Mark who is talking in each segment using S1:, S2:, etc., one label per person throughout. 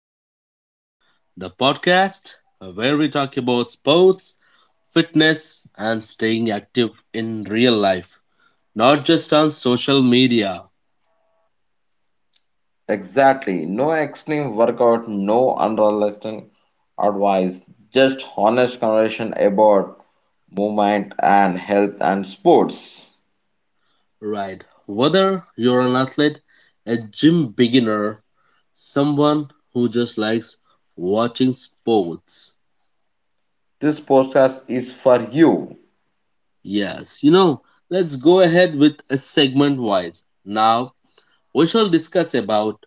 S1: Game On, the podcast where we talk about sports, fitness, and staying active in real life, not just on social media.
S2: Exactly. No extreme workout, no unrealistic advice, just honest conversation about movement and health and sports.
S1: Right, whether you're an athlete, a gym beginner, someone who just likes watching sports.
S2: This podcast is for you.
S1: Yes, let's go ahead with a segment wise. Now, we shall discuss about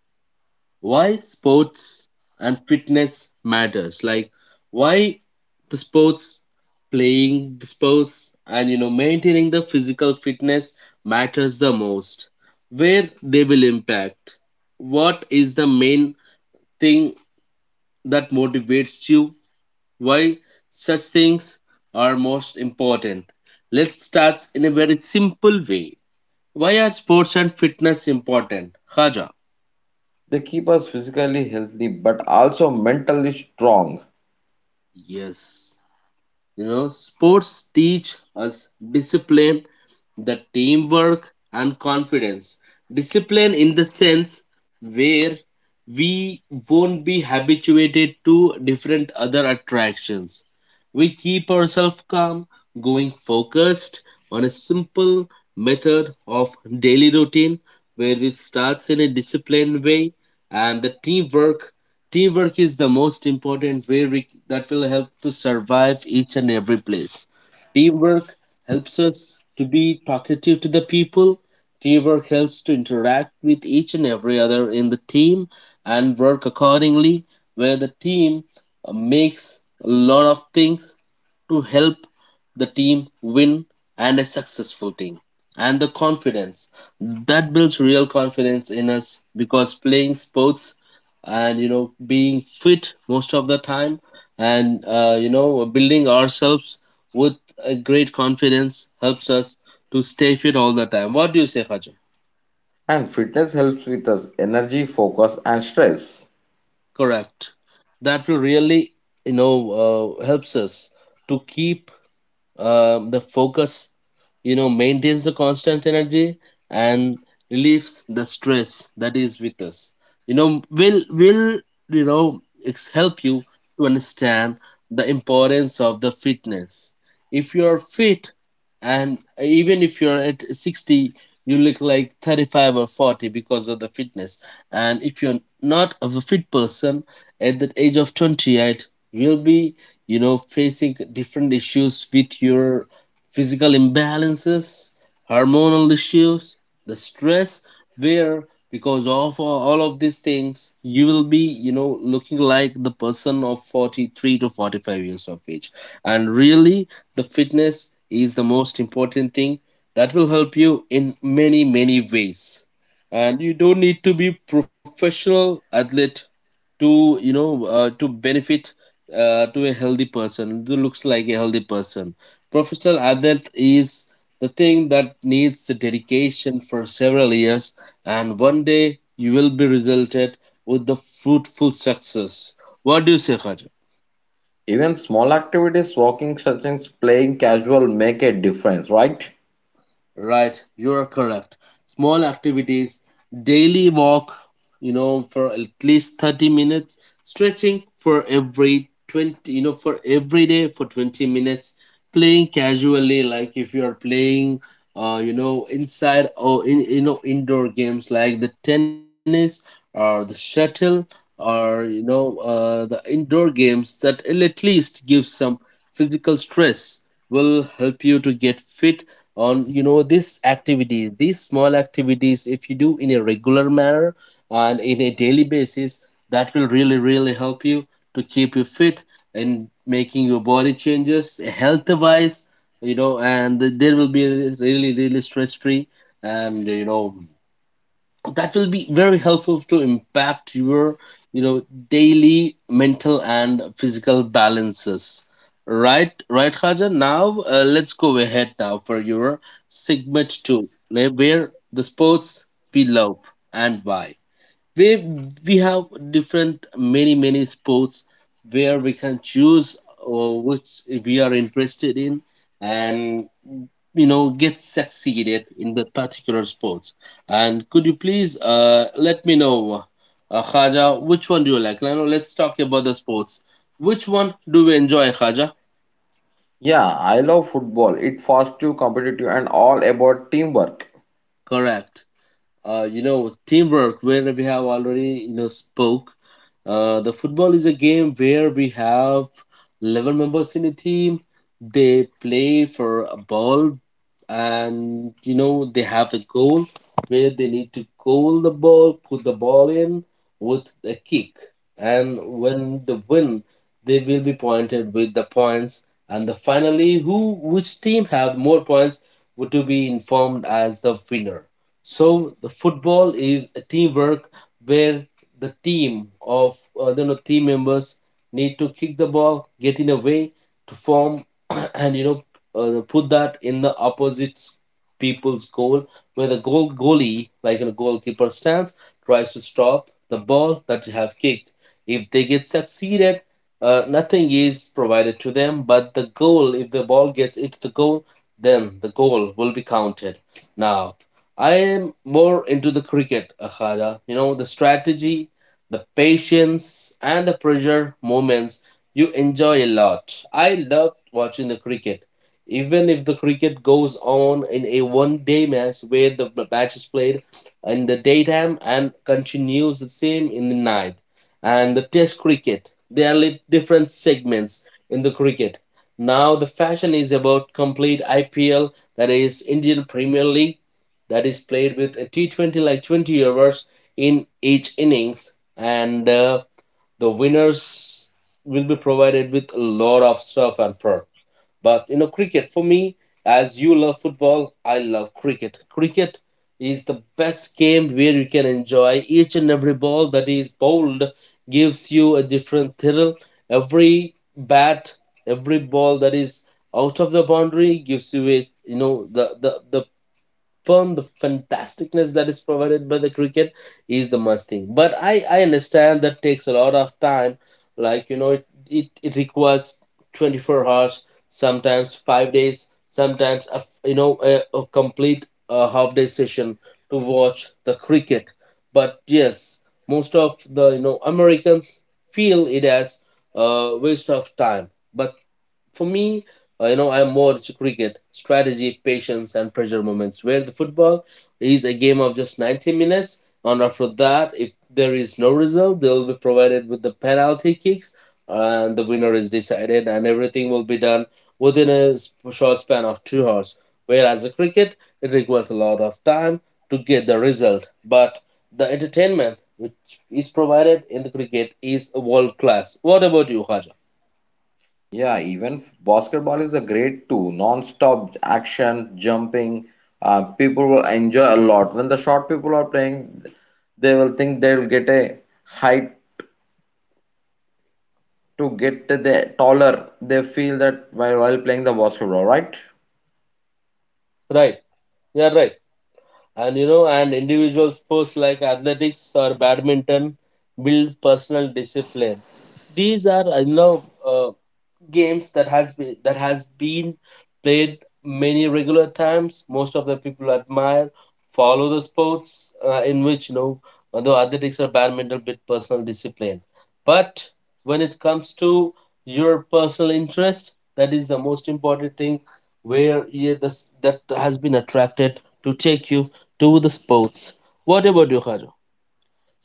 S1: why sports and fitness matters, like why the sports playing the sports and maintaining the physical fitness matters the most, where they will impact. What is the main thing that motivates you? Why such things are most important? Let's start in a very simple way. Why are sports and fitness important, Khaja?
S2: They keep us physically healthy but also mentally strong.
S1: Yes, sports teach us discipline, the teamwork and confidence. Discipline in the sense where we won't be habituated to different other attractions. We keep ourselves calm, going focused on a simple method of daily routine where it starts in a disciplined way. And the teamwork is the most important way we, that will help to survive each and every place. Teamwork helps us to be talkative to the people. Teamwork helps to interact with each and every other in the team and work accordingly, where the team makes a lot of things to help the team win and a successful thing. And the confidence that builds real confidence in us, because playing sports and being fit most of the time and building ourselves with a great confidence helps us to stay fit all the time. What do you say, Haja?
S2: And fitness helps with us energy, focus, and stress.
S1: Correct. That will really, helps us to keep the focus, maintains the constant energy and relieves the stress that is with us. You know will will you know ex- help you to understand the importance of the fitness. If you are fit, and even if you're at 60, you look like 35 or 40 because of the fitness. And if you're not of a fit person, at the age of 28, you'll be, facing different issues with your physical imbalances, hormonal issues, the stress, where because of all of these things you will be, looking like the person of 43 to 45 years of age. And really, the fitness is the most important thing that will help you in many many ways. And you don't need to be professional athlete to benefit, to a healthy person who looks like a healthy person. Professional adult is the thing that needs dedication for several years, and one day you will be resulted with the fruitful success. What do you say, Khaja?
S2: Even small activities, walking, stretching, playing casual make a difference, right?
S1: Right, you're correct. Small activities, daily walk, you know, for at least 30 minutes, stretching for every 20, for every day for 20 minutes, playing casually, like if you are playing, inside or in, indoor games like the tennis or the shuttle or, the indoor games that will at least give some physical stress, will help you to get fit on. This activity, these small activities, if you do in a regular manner and in a daily basis, that will really really help you to keep you fit and making your body changes health wise. And there will be really really stress free. And that will be very helpful to impact your, you know daily mental and physical balances. Right, right Haja. Now, let's go ahead now for your segment 2, where the sports we love and why we we have different many many sports where we can choose, which we are interested in, and get succeeded in the particular sports. And could you please let me know, khaja, which one do you like? Now let's talk about the sports. Which one do we enjoy, khaja?
S2: Yeah, I love football. It's fast, competitive, and all about teamwork.
S1: Correct. Teamwork, where we have already spoke, the football is a game where we have 11 members in a team. They play for a ball, and they have the goal, where they need to goal the ball, put the ball in with a kick. And when they win, they will be pointed with the points. And the finally who which team have more points would to be informed as the winner. So the football is a teamwork, where the team of team members need to kick the ball, get in a way to form, and put that in the opposite people's goal, where the goalie, like a goalkeeper, stands, tries to stop the ball that you have kicked. If they get succeeded, nothing is provided to them, but the goal. If the ball gets into the goal, then the goal will be counted. Now I am more into the cricket, Akhala. You know, the strategy, the patience, and the pressure moments you enjoy a lot. I loved watching the cricket. Even if the cricket goes on in a one day match, where the match is played in the daytime and continues the same in the night, and the test cricket, there are different segments in the cricket. Now, the fashion is about complete IPL, that is Indian Premier League, that is played with a T20, like 20 overs in each innings, and the winners will be provided with a lot of stuff and perks. But, cricket for me, as you love football, I love cricket. Cricket is the best game where you can enjoy each and every ball that is bowled, gives you a different thrill. Every bat, every ball that is out of the boundary gives you a, you know the confirm, the fantasticness that is provided by the cricket is the must thing. But I understand that takes a lot of time. Like, it requires 24 hours, sometimes 5 days, sometimes, a, f- you know, a complete half day session to watch the cricket. But yes, most of the, Americans feel it as a waste of time. But for me, I'm more to cricket, strategy, patience, and pressure moments. Where the football is a game of just 90 minutes, and after that, if there is no result, they'll be provided with the penalty kicks, and the winner is decided, and everything will be done within a short span of 2 hours. Whereas the cricket, it requires a lot of time to get the result, but the entertainment which is provided in the cricket is world class. What about you, Khaja?
S2: Yeah, even basketball is a great too. Non-stop action, jumping. People will enjoy a lot. When the short people are playing, they will think they'll get a height to get the taller. They feel that while playing the basketball, right?
S1: Right? Yeah, right. and you know and individual sports like athletics or badminton build personal discipline. These are, games that has been played many regular times. Most of the people admire, follow the sports, in which you know, although athletics or badminton bit personal discipline, but when it comes to your personal interest, that is the most important thing. Where yeah, this, that has been attracted to take you to the sports. What about you, Haru?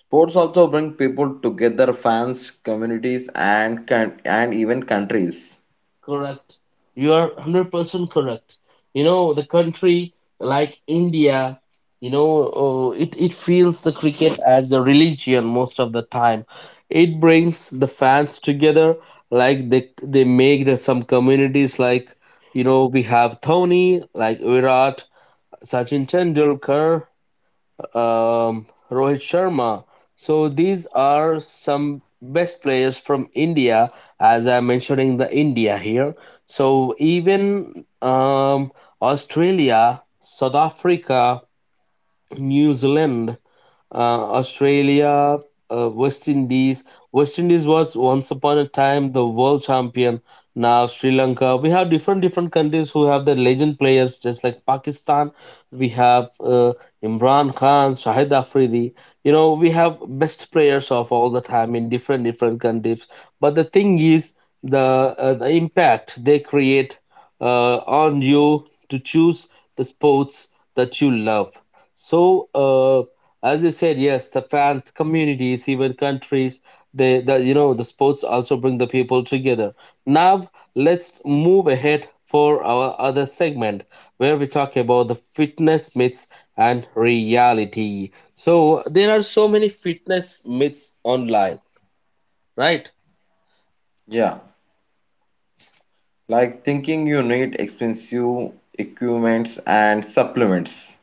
S2: Sports also bring people together, fans, communities, and can, and even countries.
S1: Correct. You are 100% correct. You know, the country like India, you know, oh, it feels the cricket as a religion most of the time. It brings the fans together, like they make the, some communities like, you know, we have Dhoni, like Virat, Sachin Tendulkar, Rohit Sharma. So these are some best players from India, as I'm mentioning the India here. So even, Australia, South Africa, New Zealand, Australia, West Indies. West Indies was once upon a time the world champion. Now Sri Lanka. We have different different countries who have their legend players, just like Pakistan. We have Imran Khan, Shahid Afridi. You know, we have best players of all the time in different different countries. But the thing is, the impact they create uh, on you to choose the sports that you love. So. As you said, yes, the fans, communities, even countries, they, the, the sports also bring the people together. Now, let's move ahead for our other segment where we talk about the fitness myths and reality. So there are so many fitness myths online, right?
S2: Yeah, like thinking you need expensive equipments and supplements.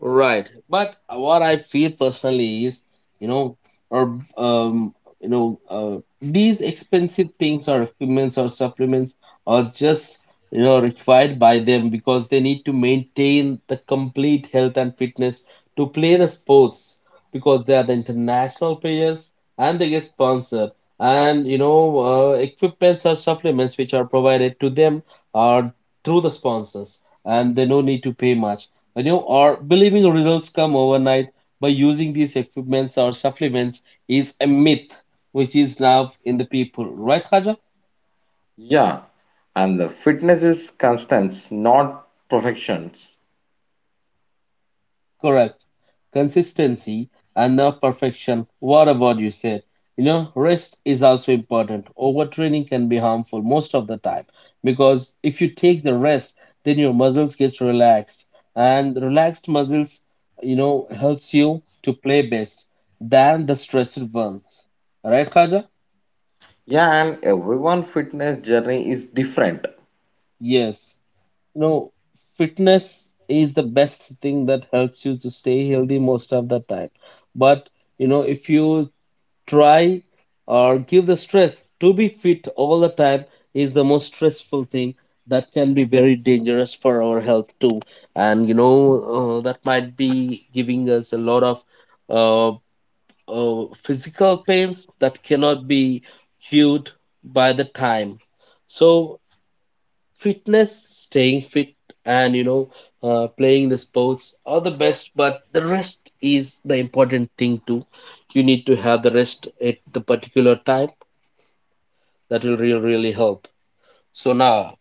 S1: Right, but what I feel personally is, you know, or um, these expensive things or equipments or supplements are just required by them because they need to maintain the complete health and fitness to play the sports, because they are the international players and they get sponsored. And equipments or supplements which are provided to them are through the sponsors, and they no need to pay much. You know, or believing results come overnight by using these equipments or supplements is a myth which is now in the people. Right, Khaja?
S2: Yeah, and the fitness is constants, not perfections.
S1: Correct. Consistency and not perfection. What about you said? You know, rest is also important. Overtraining can be harmful most of the time because if you take the rest, then your muscles get relaxed. And relaxed muscles, you know, helps you to play best than the stressed ones. Right, Khaja?
S2: Yeah, and everyone fitness journey is different.
S1: Yes. You know, fitness is the best thing that helps you to stay healthy most of the time. But, you know, if you try or give the stress to be fit all the time is the most stressful thing that can be very dangerous for our health too. And, you know, that might be giving us a lot of uh, physical pains that cannot be cured by the time. So, fitness, staying fit, and you know, playing the sports are the best, but the rest is the important thing too. You need to have the rest at the particular time. That will really really help. So now,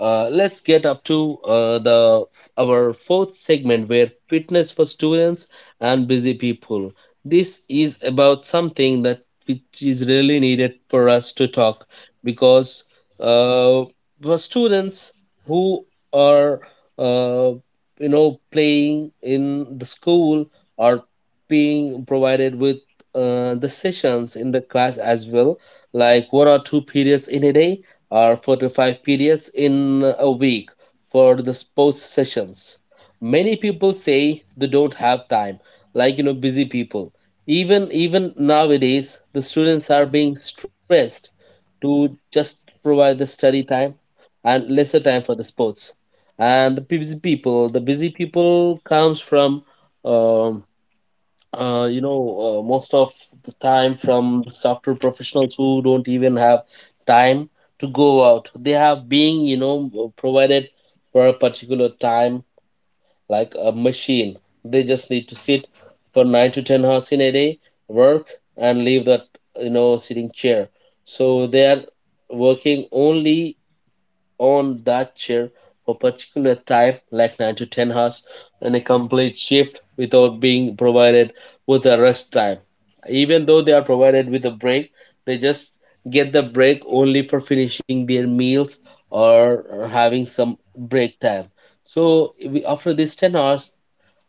S1: let's get up to the our fourth segment, where fitness for students and busy people. This is about something that which is really needed for us to talk, because uh, for students who are, uh, you know, playing in the school or being provided with the sessions in the class as well, like one or two periods in a day or 4 to 5 periods in a week for the sports sessions. Many people say they don't have time, like you know, busy people. Even nowadays, the students are being stressed to just provide the study time and lesser time for the sports. And the busy people comes from um, you know, most of the time from the software professionals who don't even have time to go out. They have being, you know, provided for a particular time, like a machine. They just need to sit for 9 to 10 hours in a day, work, and leave that, you know, sitting chair. So they are working only on that chair for a particular time, like 9 to 10 hours, and a complete shift without being provided with a rest time. Even though they are provided with a break, they just get the break only for finishing their meals or having some break time. So we, after these 10 hours,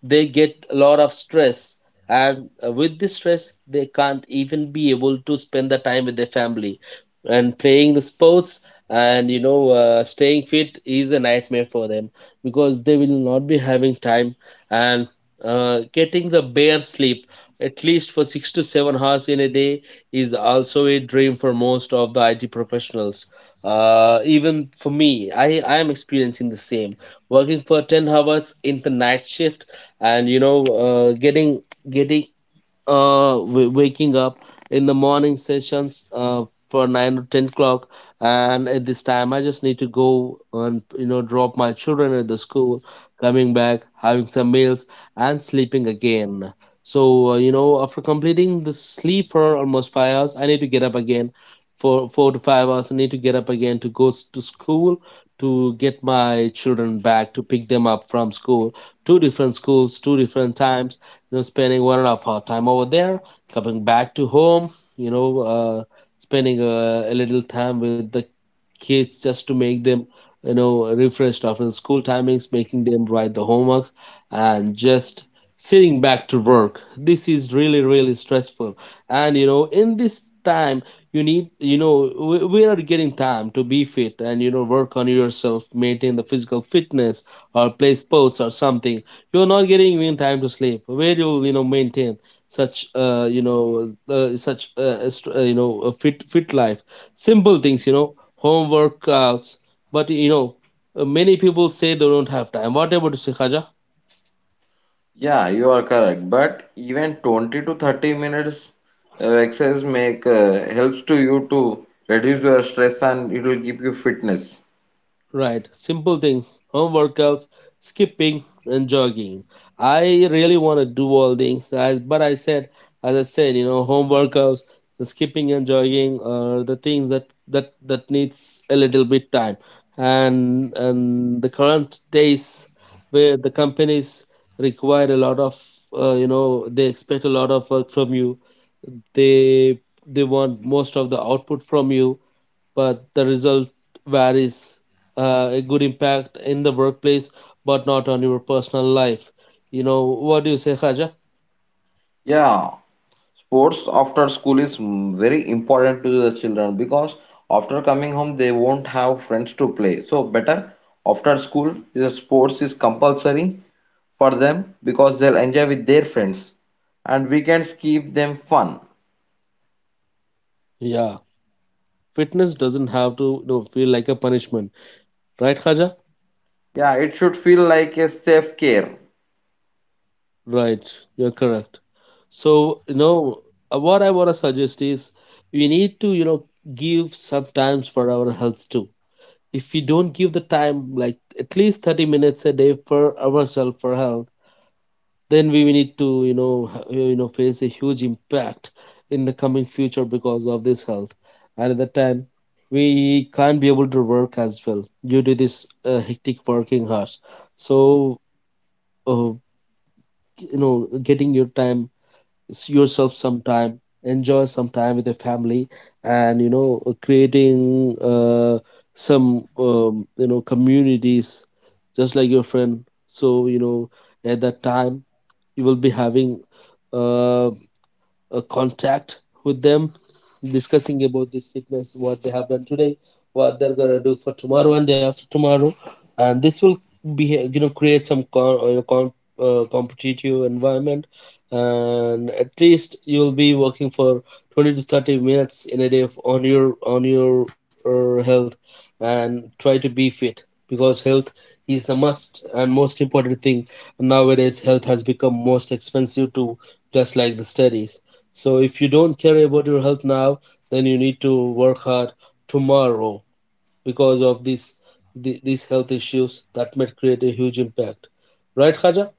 S1: they get a lot of stress, and with this stress they can't even be able to spend the time with their family and playing the sports, and you know, staying fit is a nightmare for them because they will not be having time. And getting the bare sleep at least for 6 to 7 hours in a day is also a dream for most of the IT professionals. Even for me, I am experiencing the same, working for 10 hours in the night shift, and you know, getting waking up in the morning sessions for 9 or 10 o'clock. And at this time I just need to go and you know, drop my children at the school, coming back, having some meals, and sleeping again. So you know, after completing the sleep for almost 5 hours, I need to get up again. For 4 to 5 hours I need to get up again to go to school, to get my children back, to pick them up from school. Two different schools, two different times, you know, spending 1.5 hour time over there, coming back to home, you know, spending a little time with the kids, just to make them, you know, refreshed after the school timings, making them write the homeworks and just sitting back to work. This is really really stressful. And you know, in this time you need, you know, we are getting time to be fit and you know, work on yourself, maintain the physical fitness or play sports or something. You're not getting even time to sleep. Where you'll, you know, maintain such you know, a fit life. Simple things, you know, home workouts. But you know, many people say they don't have time. What about you, Khaja?
S2: Yeah, you are correct. But even 20 to 30 minutes exercise make helps to you to reduce your stress and it will give you fitness.
S1: Right. Simple things, home workouts, skipping, and jogging. I really want to do all things, but I said, as I said, you know, home workouts, the skipping and jogging are the things that needs a little bit time, and the current days where the companies require a lot of, you know, they expect a lot of work from you. They they want most of the output from you, but the result varies. A good impact in the workplace, but not on your personal life. You know, what do you say, Khaja?
S2: Yeah, sports after school is mm, very important to the children because after coming home they won't have friends to play. So better after school the sports is compulsory for them because they'll enjoy with their friends and weekends keep them fun.
S1: Yeah, fitness doesn't have to, you know, feel like a punishment, right, Khaja?
S2: Yeah, it should feel like a safe care.
S1: Right, you're correct. So, you know, what I want to suggest is we need to, you know, give some times for our health too. If we don't give the time, like at least 30 minutes a day for ourselves for health, then we will need to, you know, you know, face a huge impact in the coming future because of this health, and at that time we can't be able to work as well due to this hectic working hours. So uh, you know, getting your time, yourself some time, enjoy some time with your family, and you know, creating some you know, communities just like your friend. So you know, at that time you will be having uh, a contact with them, discussing about this fitness, what they have done today, what they're going to do for tomorrow and day after tomorrow, and this will be, you know, create some you know, competitive environment, and at least you'll be working for 20 to 30 minutes in a day on your health, and try to be fit, because health is the must and most important thing. Nowadays health has become most expensive too, just like the studies. So if you don't care about your health now, then you need to work hard tomorrow, because of this these health issues that might create a huge impact. Right, Khaja?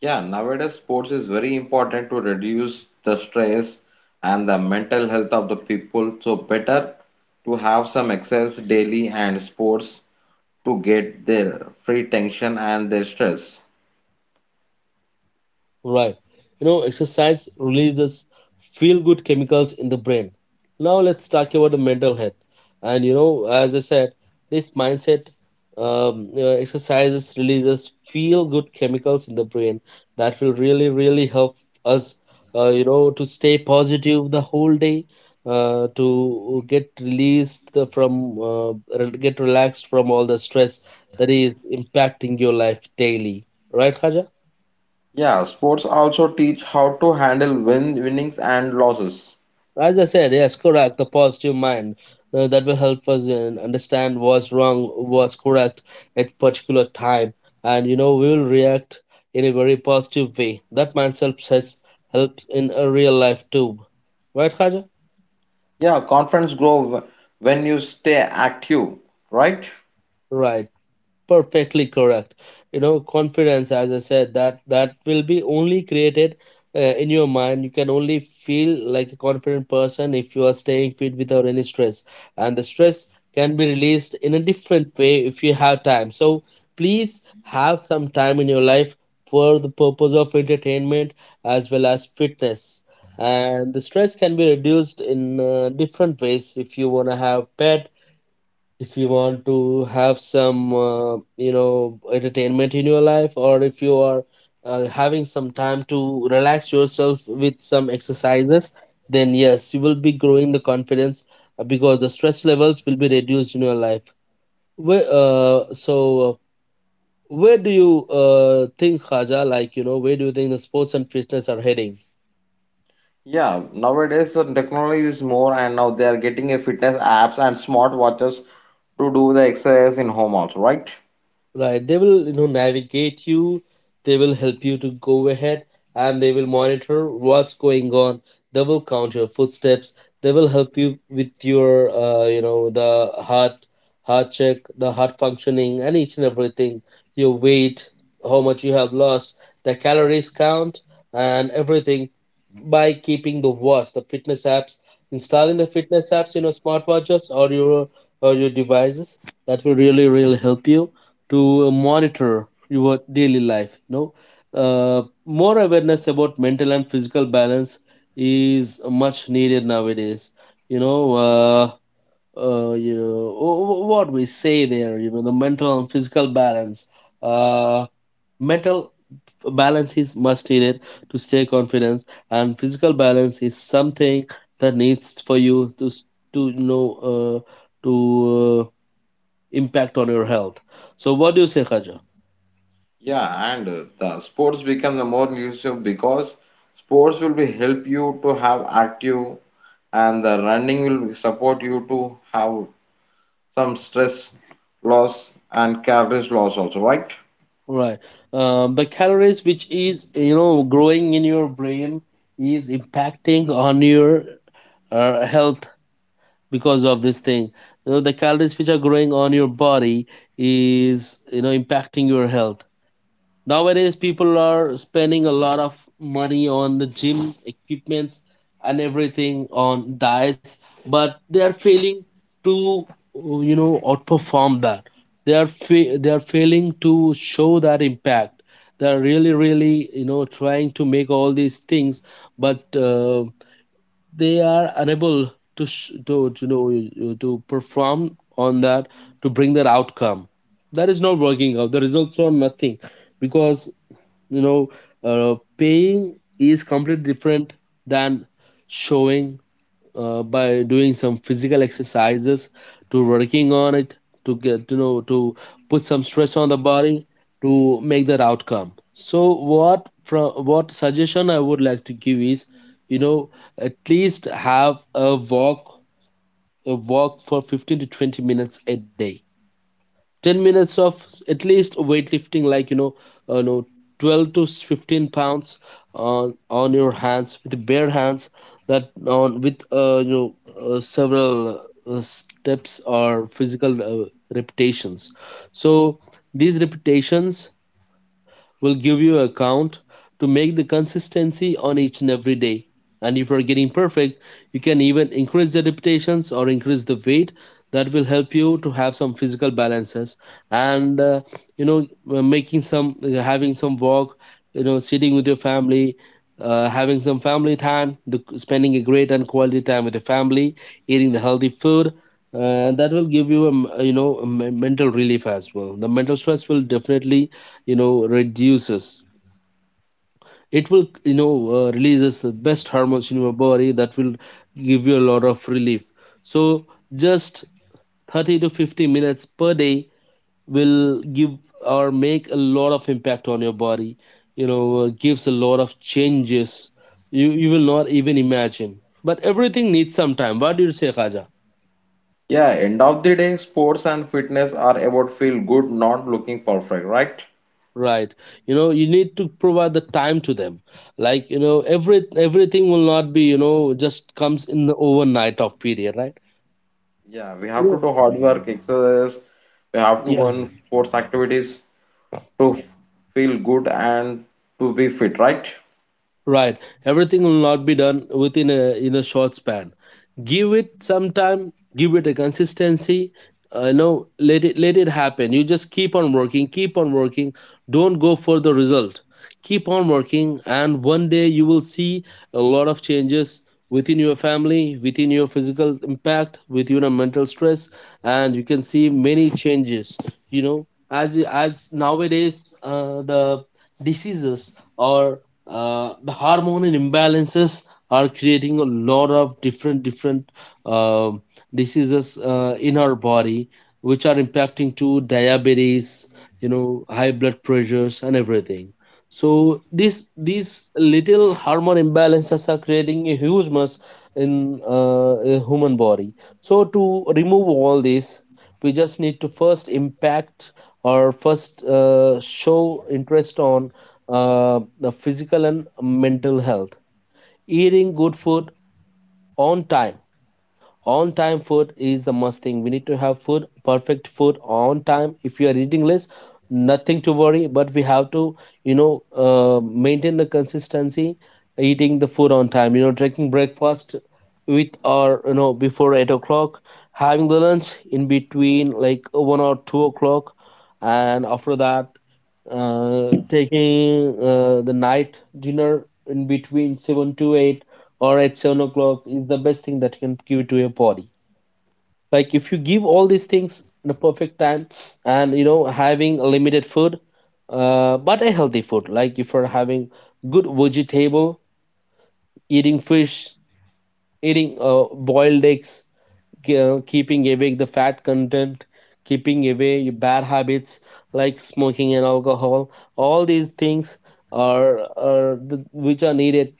S2: Yeah, nowadays sports is very important to reduce the stress and the mental health of the people. So better to have some exercise daily and sports to get their free tension and their stress.
S1: Right. You know, exercise releases feel good chemicals in the brain. Now let's talk about the mental health. And you know, as I said, this mindset, you know, exercises releases feel good chemicals in the brain that will really, really help us, you know, to stay positive the whole day, to get released from, get relaxed from all the stress that is impacting your life daily. Right, Khaja?
S2: Yeah, sports also teach how to handle winnings and losses.
S1: As I said, yes, correct. The positive mind, that will help us in understand what's wrong, what's correct at particular time, and you know, we will react in a very positive way. That mindset has helps in a real life too, right, Khaja?
S2: Yeah, confidence when you stay active, right?
S1: Right. Perfectly correct. You know, confidence, as I said, that will be only created in your mind. You can only feel like a confident person if you are staying fit without any stress, and the stress can be released in a different way if you have time. So please have some time in your life for the purpose of entertainment as well as fitness, and the stress can be reduced in different ways. If you want to have pet, if you want to have some you know, entertainment in your life, or if you are having some time to relax yourself with some exercises, then yes, you will be growing the confidence, because the stress levels will be reduced in your life. Where, where do you think, Khaja, like you know, where do you think the sports and fitness are heading?
S2: Yeah, nowadays the technology is more, and now they are getting a fitness apps and smart watches to do the exercise in home also, right?
S1: Right. They will, you know, navigate you. They will help you to go ahead, and they will monitor what's going on. They will count your footsteps. They will help you with your, you know, the heart, heart check, the heart functioning and each and everything, your weight, how much you have lost, the calories count and everything, by keeping the watch, the fitness apps, installing the fitness apps in your smartwatches or your devices. That will really, really help you to monitor your daily life. You know, more awareness about mental and physical balance is much needed nowadays. You know, you know, what we say there, you know, the mental and physical balance, uh, mental balance is much needed to stay confident, and physical balance is something that needs for you to to you know, to uh, impact on your health. So what do you say, Khaja?
S2: Yeah, and the sports become the more useful because sports will be help you to have active, and the running will support you to have some stress loss and calories loss also, right?
S1: Right. The calories which is growing in your brain is impacting on your health because of this thing. You know the calories which are growing on your body is impacting your health. Nowadays, people are spending a lot of money on the gym equipments and everything on diets, but they are failing to outperform that. They are they are failing to show that impact. They are really really trying to make all these things, but they are unable to know to perform on that, to bring that outcome. That is not working out. The results are nothing because you know paying is completely different than showing, by doing some physical exercises, to working on it, to get to put some stress on the body to make that outcome. So what from what suggestion I would like to give is, you know at least have a walk for 15 to 20 minutes a day, 10 minutes of at least weightlifting, like uh, you know 12 to 15 pounds on your hands, with bare hands, that, on with several steps or physical repetitions. So these repetitions will give you a count to make the consistency on each and every day. And if you're getting perfect, you can even increase the repetitions or increase the weight. That will help you to have some physical balances, and making some, having some walk, sitting with your family, having some family time, spending a great and quality time with your family, eating the healthy food. That will give you a m- you know a me- mental relief as well. The mental stress will definitely reduces. It will releases the best hormones in your body that will give you a lot of relief. So just 30 to 50 minutes per day will give or make a lot of impact on your body, gives a lot of changes you will not even imagine. But everything needs some time. What do you say, khaja?
S2: Yeah, end of the day, sports and fitness are about feel good, not looking perfect, right?
S1: Right. You know, you need to provide the time to them, like everything will not be just comes in the overnight of period, right?
S2: Yeah, we
S1: You
S2: have to
S1: know,
S2: do hard work, exercise. We have to go
S1: yeah.
S2: in sports activities to feel good and to be fit, right?
S1: Right. Everything will not be done within a in a short span. Give it some time. Give it a consistency. Let it happen. You just keep on working. Keep on working. Don't go for the result. Keep on working, and one day you will see a lot of changes within your family, within your physical impact, within your mental stress, and you can see many changes. You know, as nowadays, the diseases are, the hormone imbalances are creating a lot of different different uh, diseases in our body, which are impacting to diabetes, high blood pressures and everything. So this these little hormone imbalances are creating a huge mess in, a human body. So to remove all this, we just need to first impact or first show interest on the physical and mental health. Eating good food on time. On time food is the must thing. We need to have food, perfect food on time. If you are eating less, nothing to worry, but we have to, maintain the consistency, eating the food on time, taking breakfast with, or, before 8 o'clock, having the lunch in between, like 1 or 2 o'clock, and after that, taking the night dinner in between 7 to 8, or at 7 o'clock, is the best thing that you can give to your body. Like if you give all these things in a perfect time, and having a limited food, but a healthy food, like if you're having good vegetable, eating fish, eating boiled eggs, keeping away the fat content, keeping away your bad habits like smoking and alcohol. All these things are, which are needed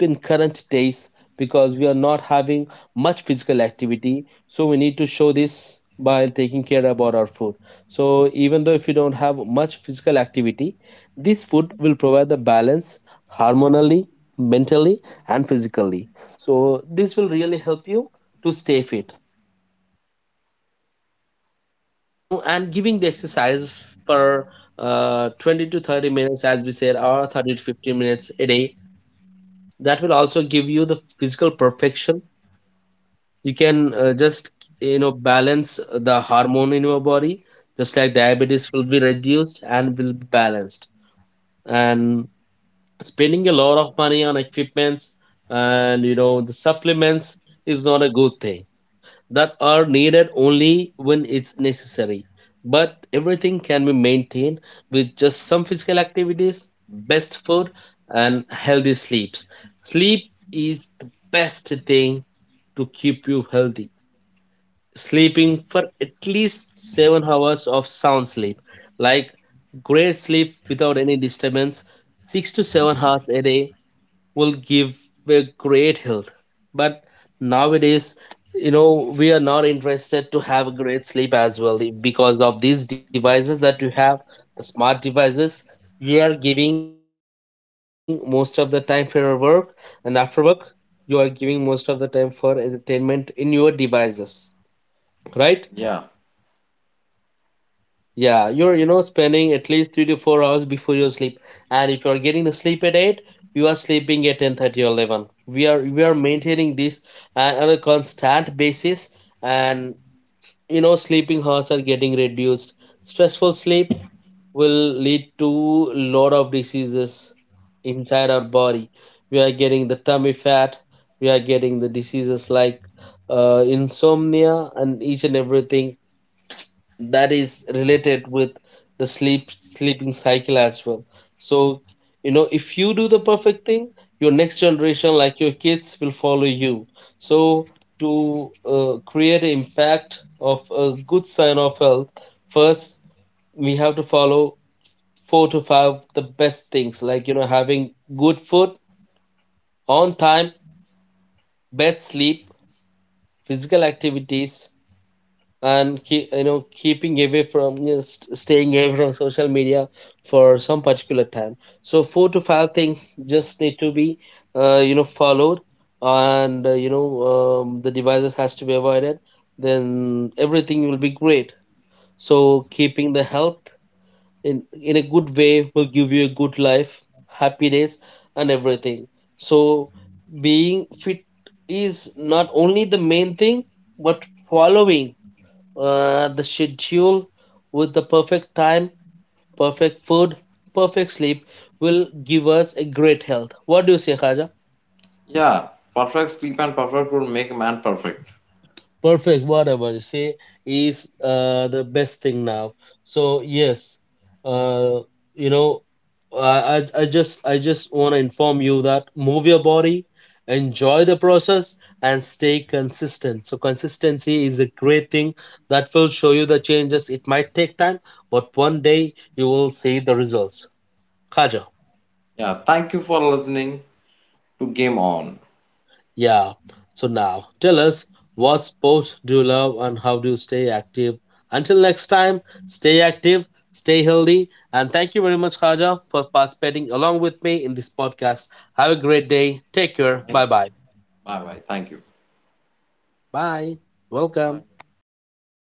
S1: in current days, because we are not having much physical activity. So we need to show this by taking care about our food. So even though if you don't have much physical activity, this food will provide the balance hormonally, mentally, and physically. So this will really help you to stay fit, and giving the exercise for, 20 to 30 minutes as we said, or 30 to 50 minutes a day. That will also give you the physical perfection. You can, just balance the hormone in your body, just like diabetes will be reduced and will be balanced. And spending a lot of money on equipments and the supplements is not a good thing. That are needed only when it's necessary. But everything can be maintained with just some physical activities, best food, and healthy sleeps. Sleep is the best thing to keep you healthy. Sleeping for at least 7 hours of sound sleep, like great sleep without any disturbance, 6 to 7 hours a day will give a great health. But nowadays, we are not interested to have a great sleep as well, because of these devices that you have, the smart devices. You are giving most of the time for your work, and after work, you are giving most of the time for entertainment in your devices, right?
S2: Yeah,
S1: Yeah, you're spending at least 3 to 4 hours before you sleep, and if you're getting the sleep at 8, you are sleeping at 10:30 or 11. We are maintaining this, on a constant basis, and sleeping hours are getting reduced. Stressful sleep will lead to lot of diseases inside our body. We are getting the tummy fat. We are getting the diseases like, insomnia and each and everything that is related with the sleeping cycle as well. So if you do the perfect thing, your next generation like your kids will follow you. So to, create an impact of a good sign of health, first we have to follow four to five the best things, like having good food on time, bed sleep, physical activities, and keeping away from, staying away from social media for some particular time. So four to five things just need to be, followed, and the devices has to be avoided. Then everything will be great. So keeping the health in a good way will give you a good life, happy days, and everything. So being fit is not only the main thing, but following, the schedule with the perfect time, perfect food, perfect sleep will give us a great health. What do you say, Khaja?
S2: yeah. Perfect sleep and perfect food make a man perfect.
S1: Perfect. Whatever you say is the best thing now. So yes, uh, you know, I just want to inform you that move your body, enjoy the process, and stay consistent. So consistency is a great thing that will show you the changes. It might take time, but one day you will see the results. Khaja.
S2: Yeah, thank you for listening to Game On.
S1: Yeah. So now, tell us what sports do you love and how do you stay active? Until next time, stay active, stay healthy, and thank you very much, Khaja, for participating along with me in this podcast. Have a great day. Take care. Bye bye.
S2: Bye bye. Thank you.
S1: Bye. Welcome.
S2: Bye.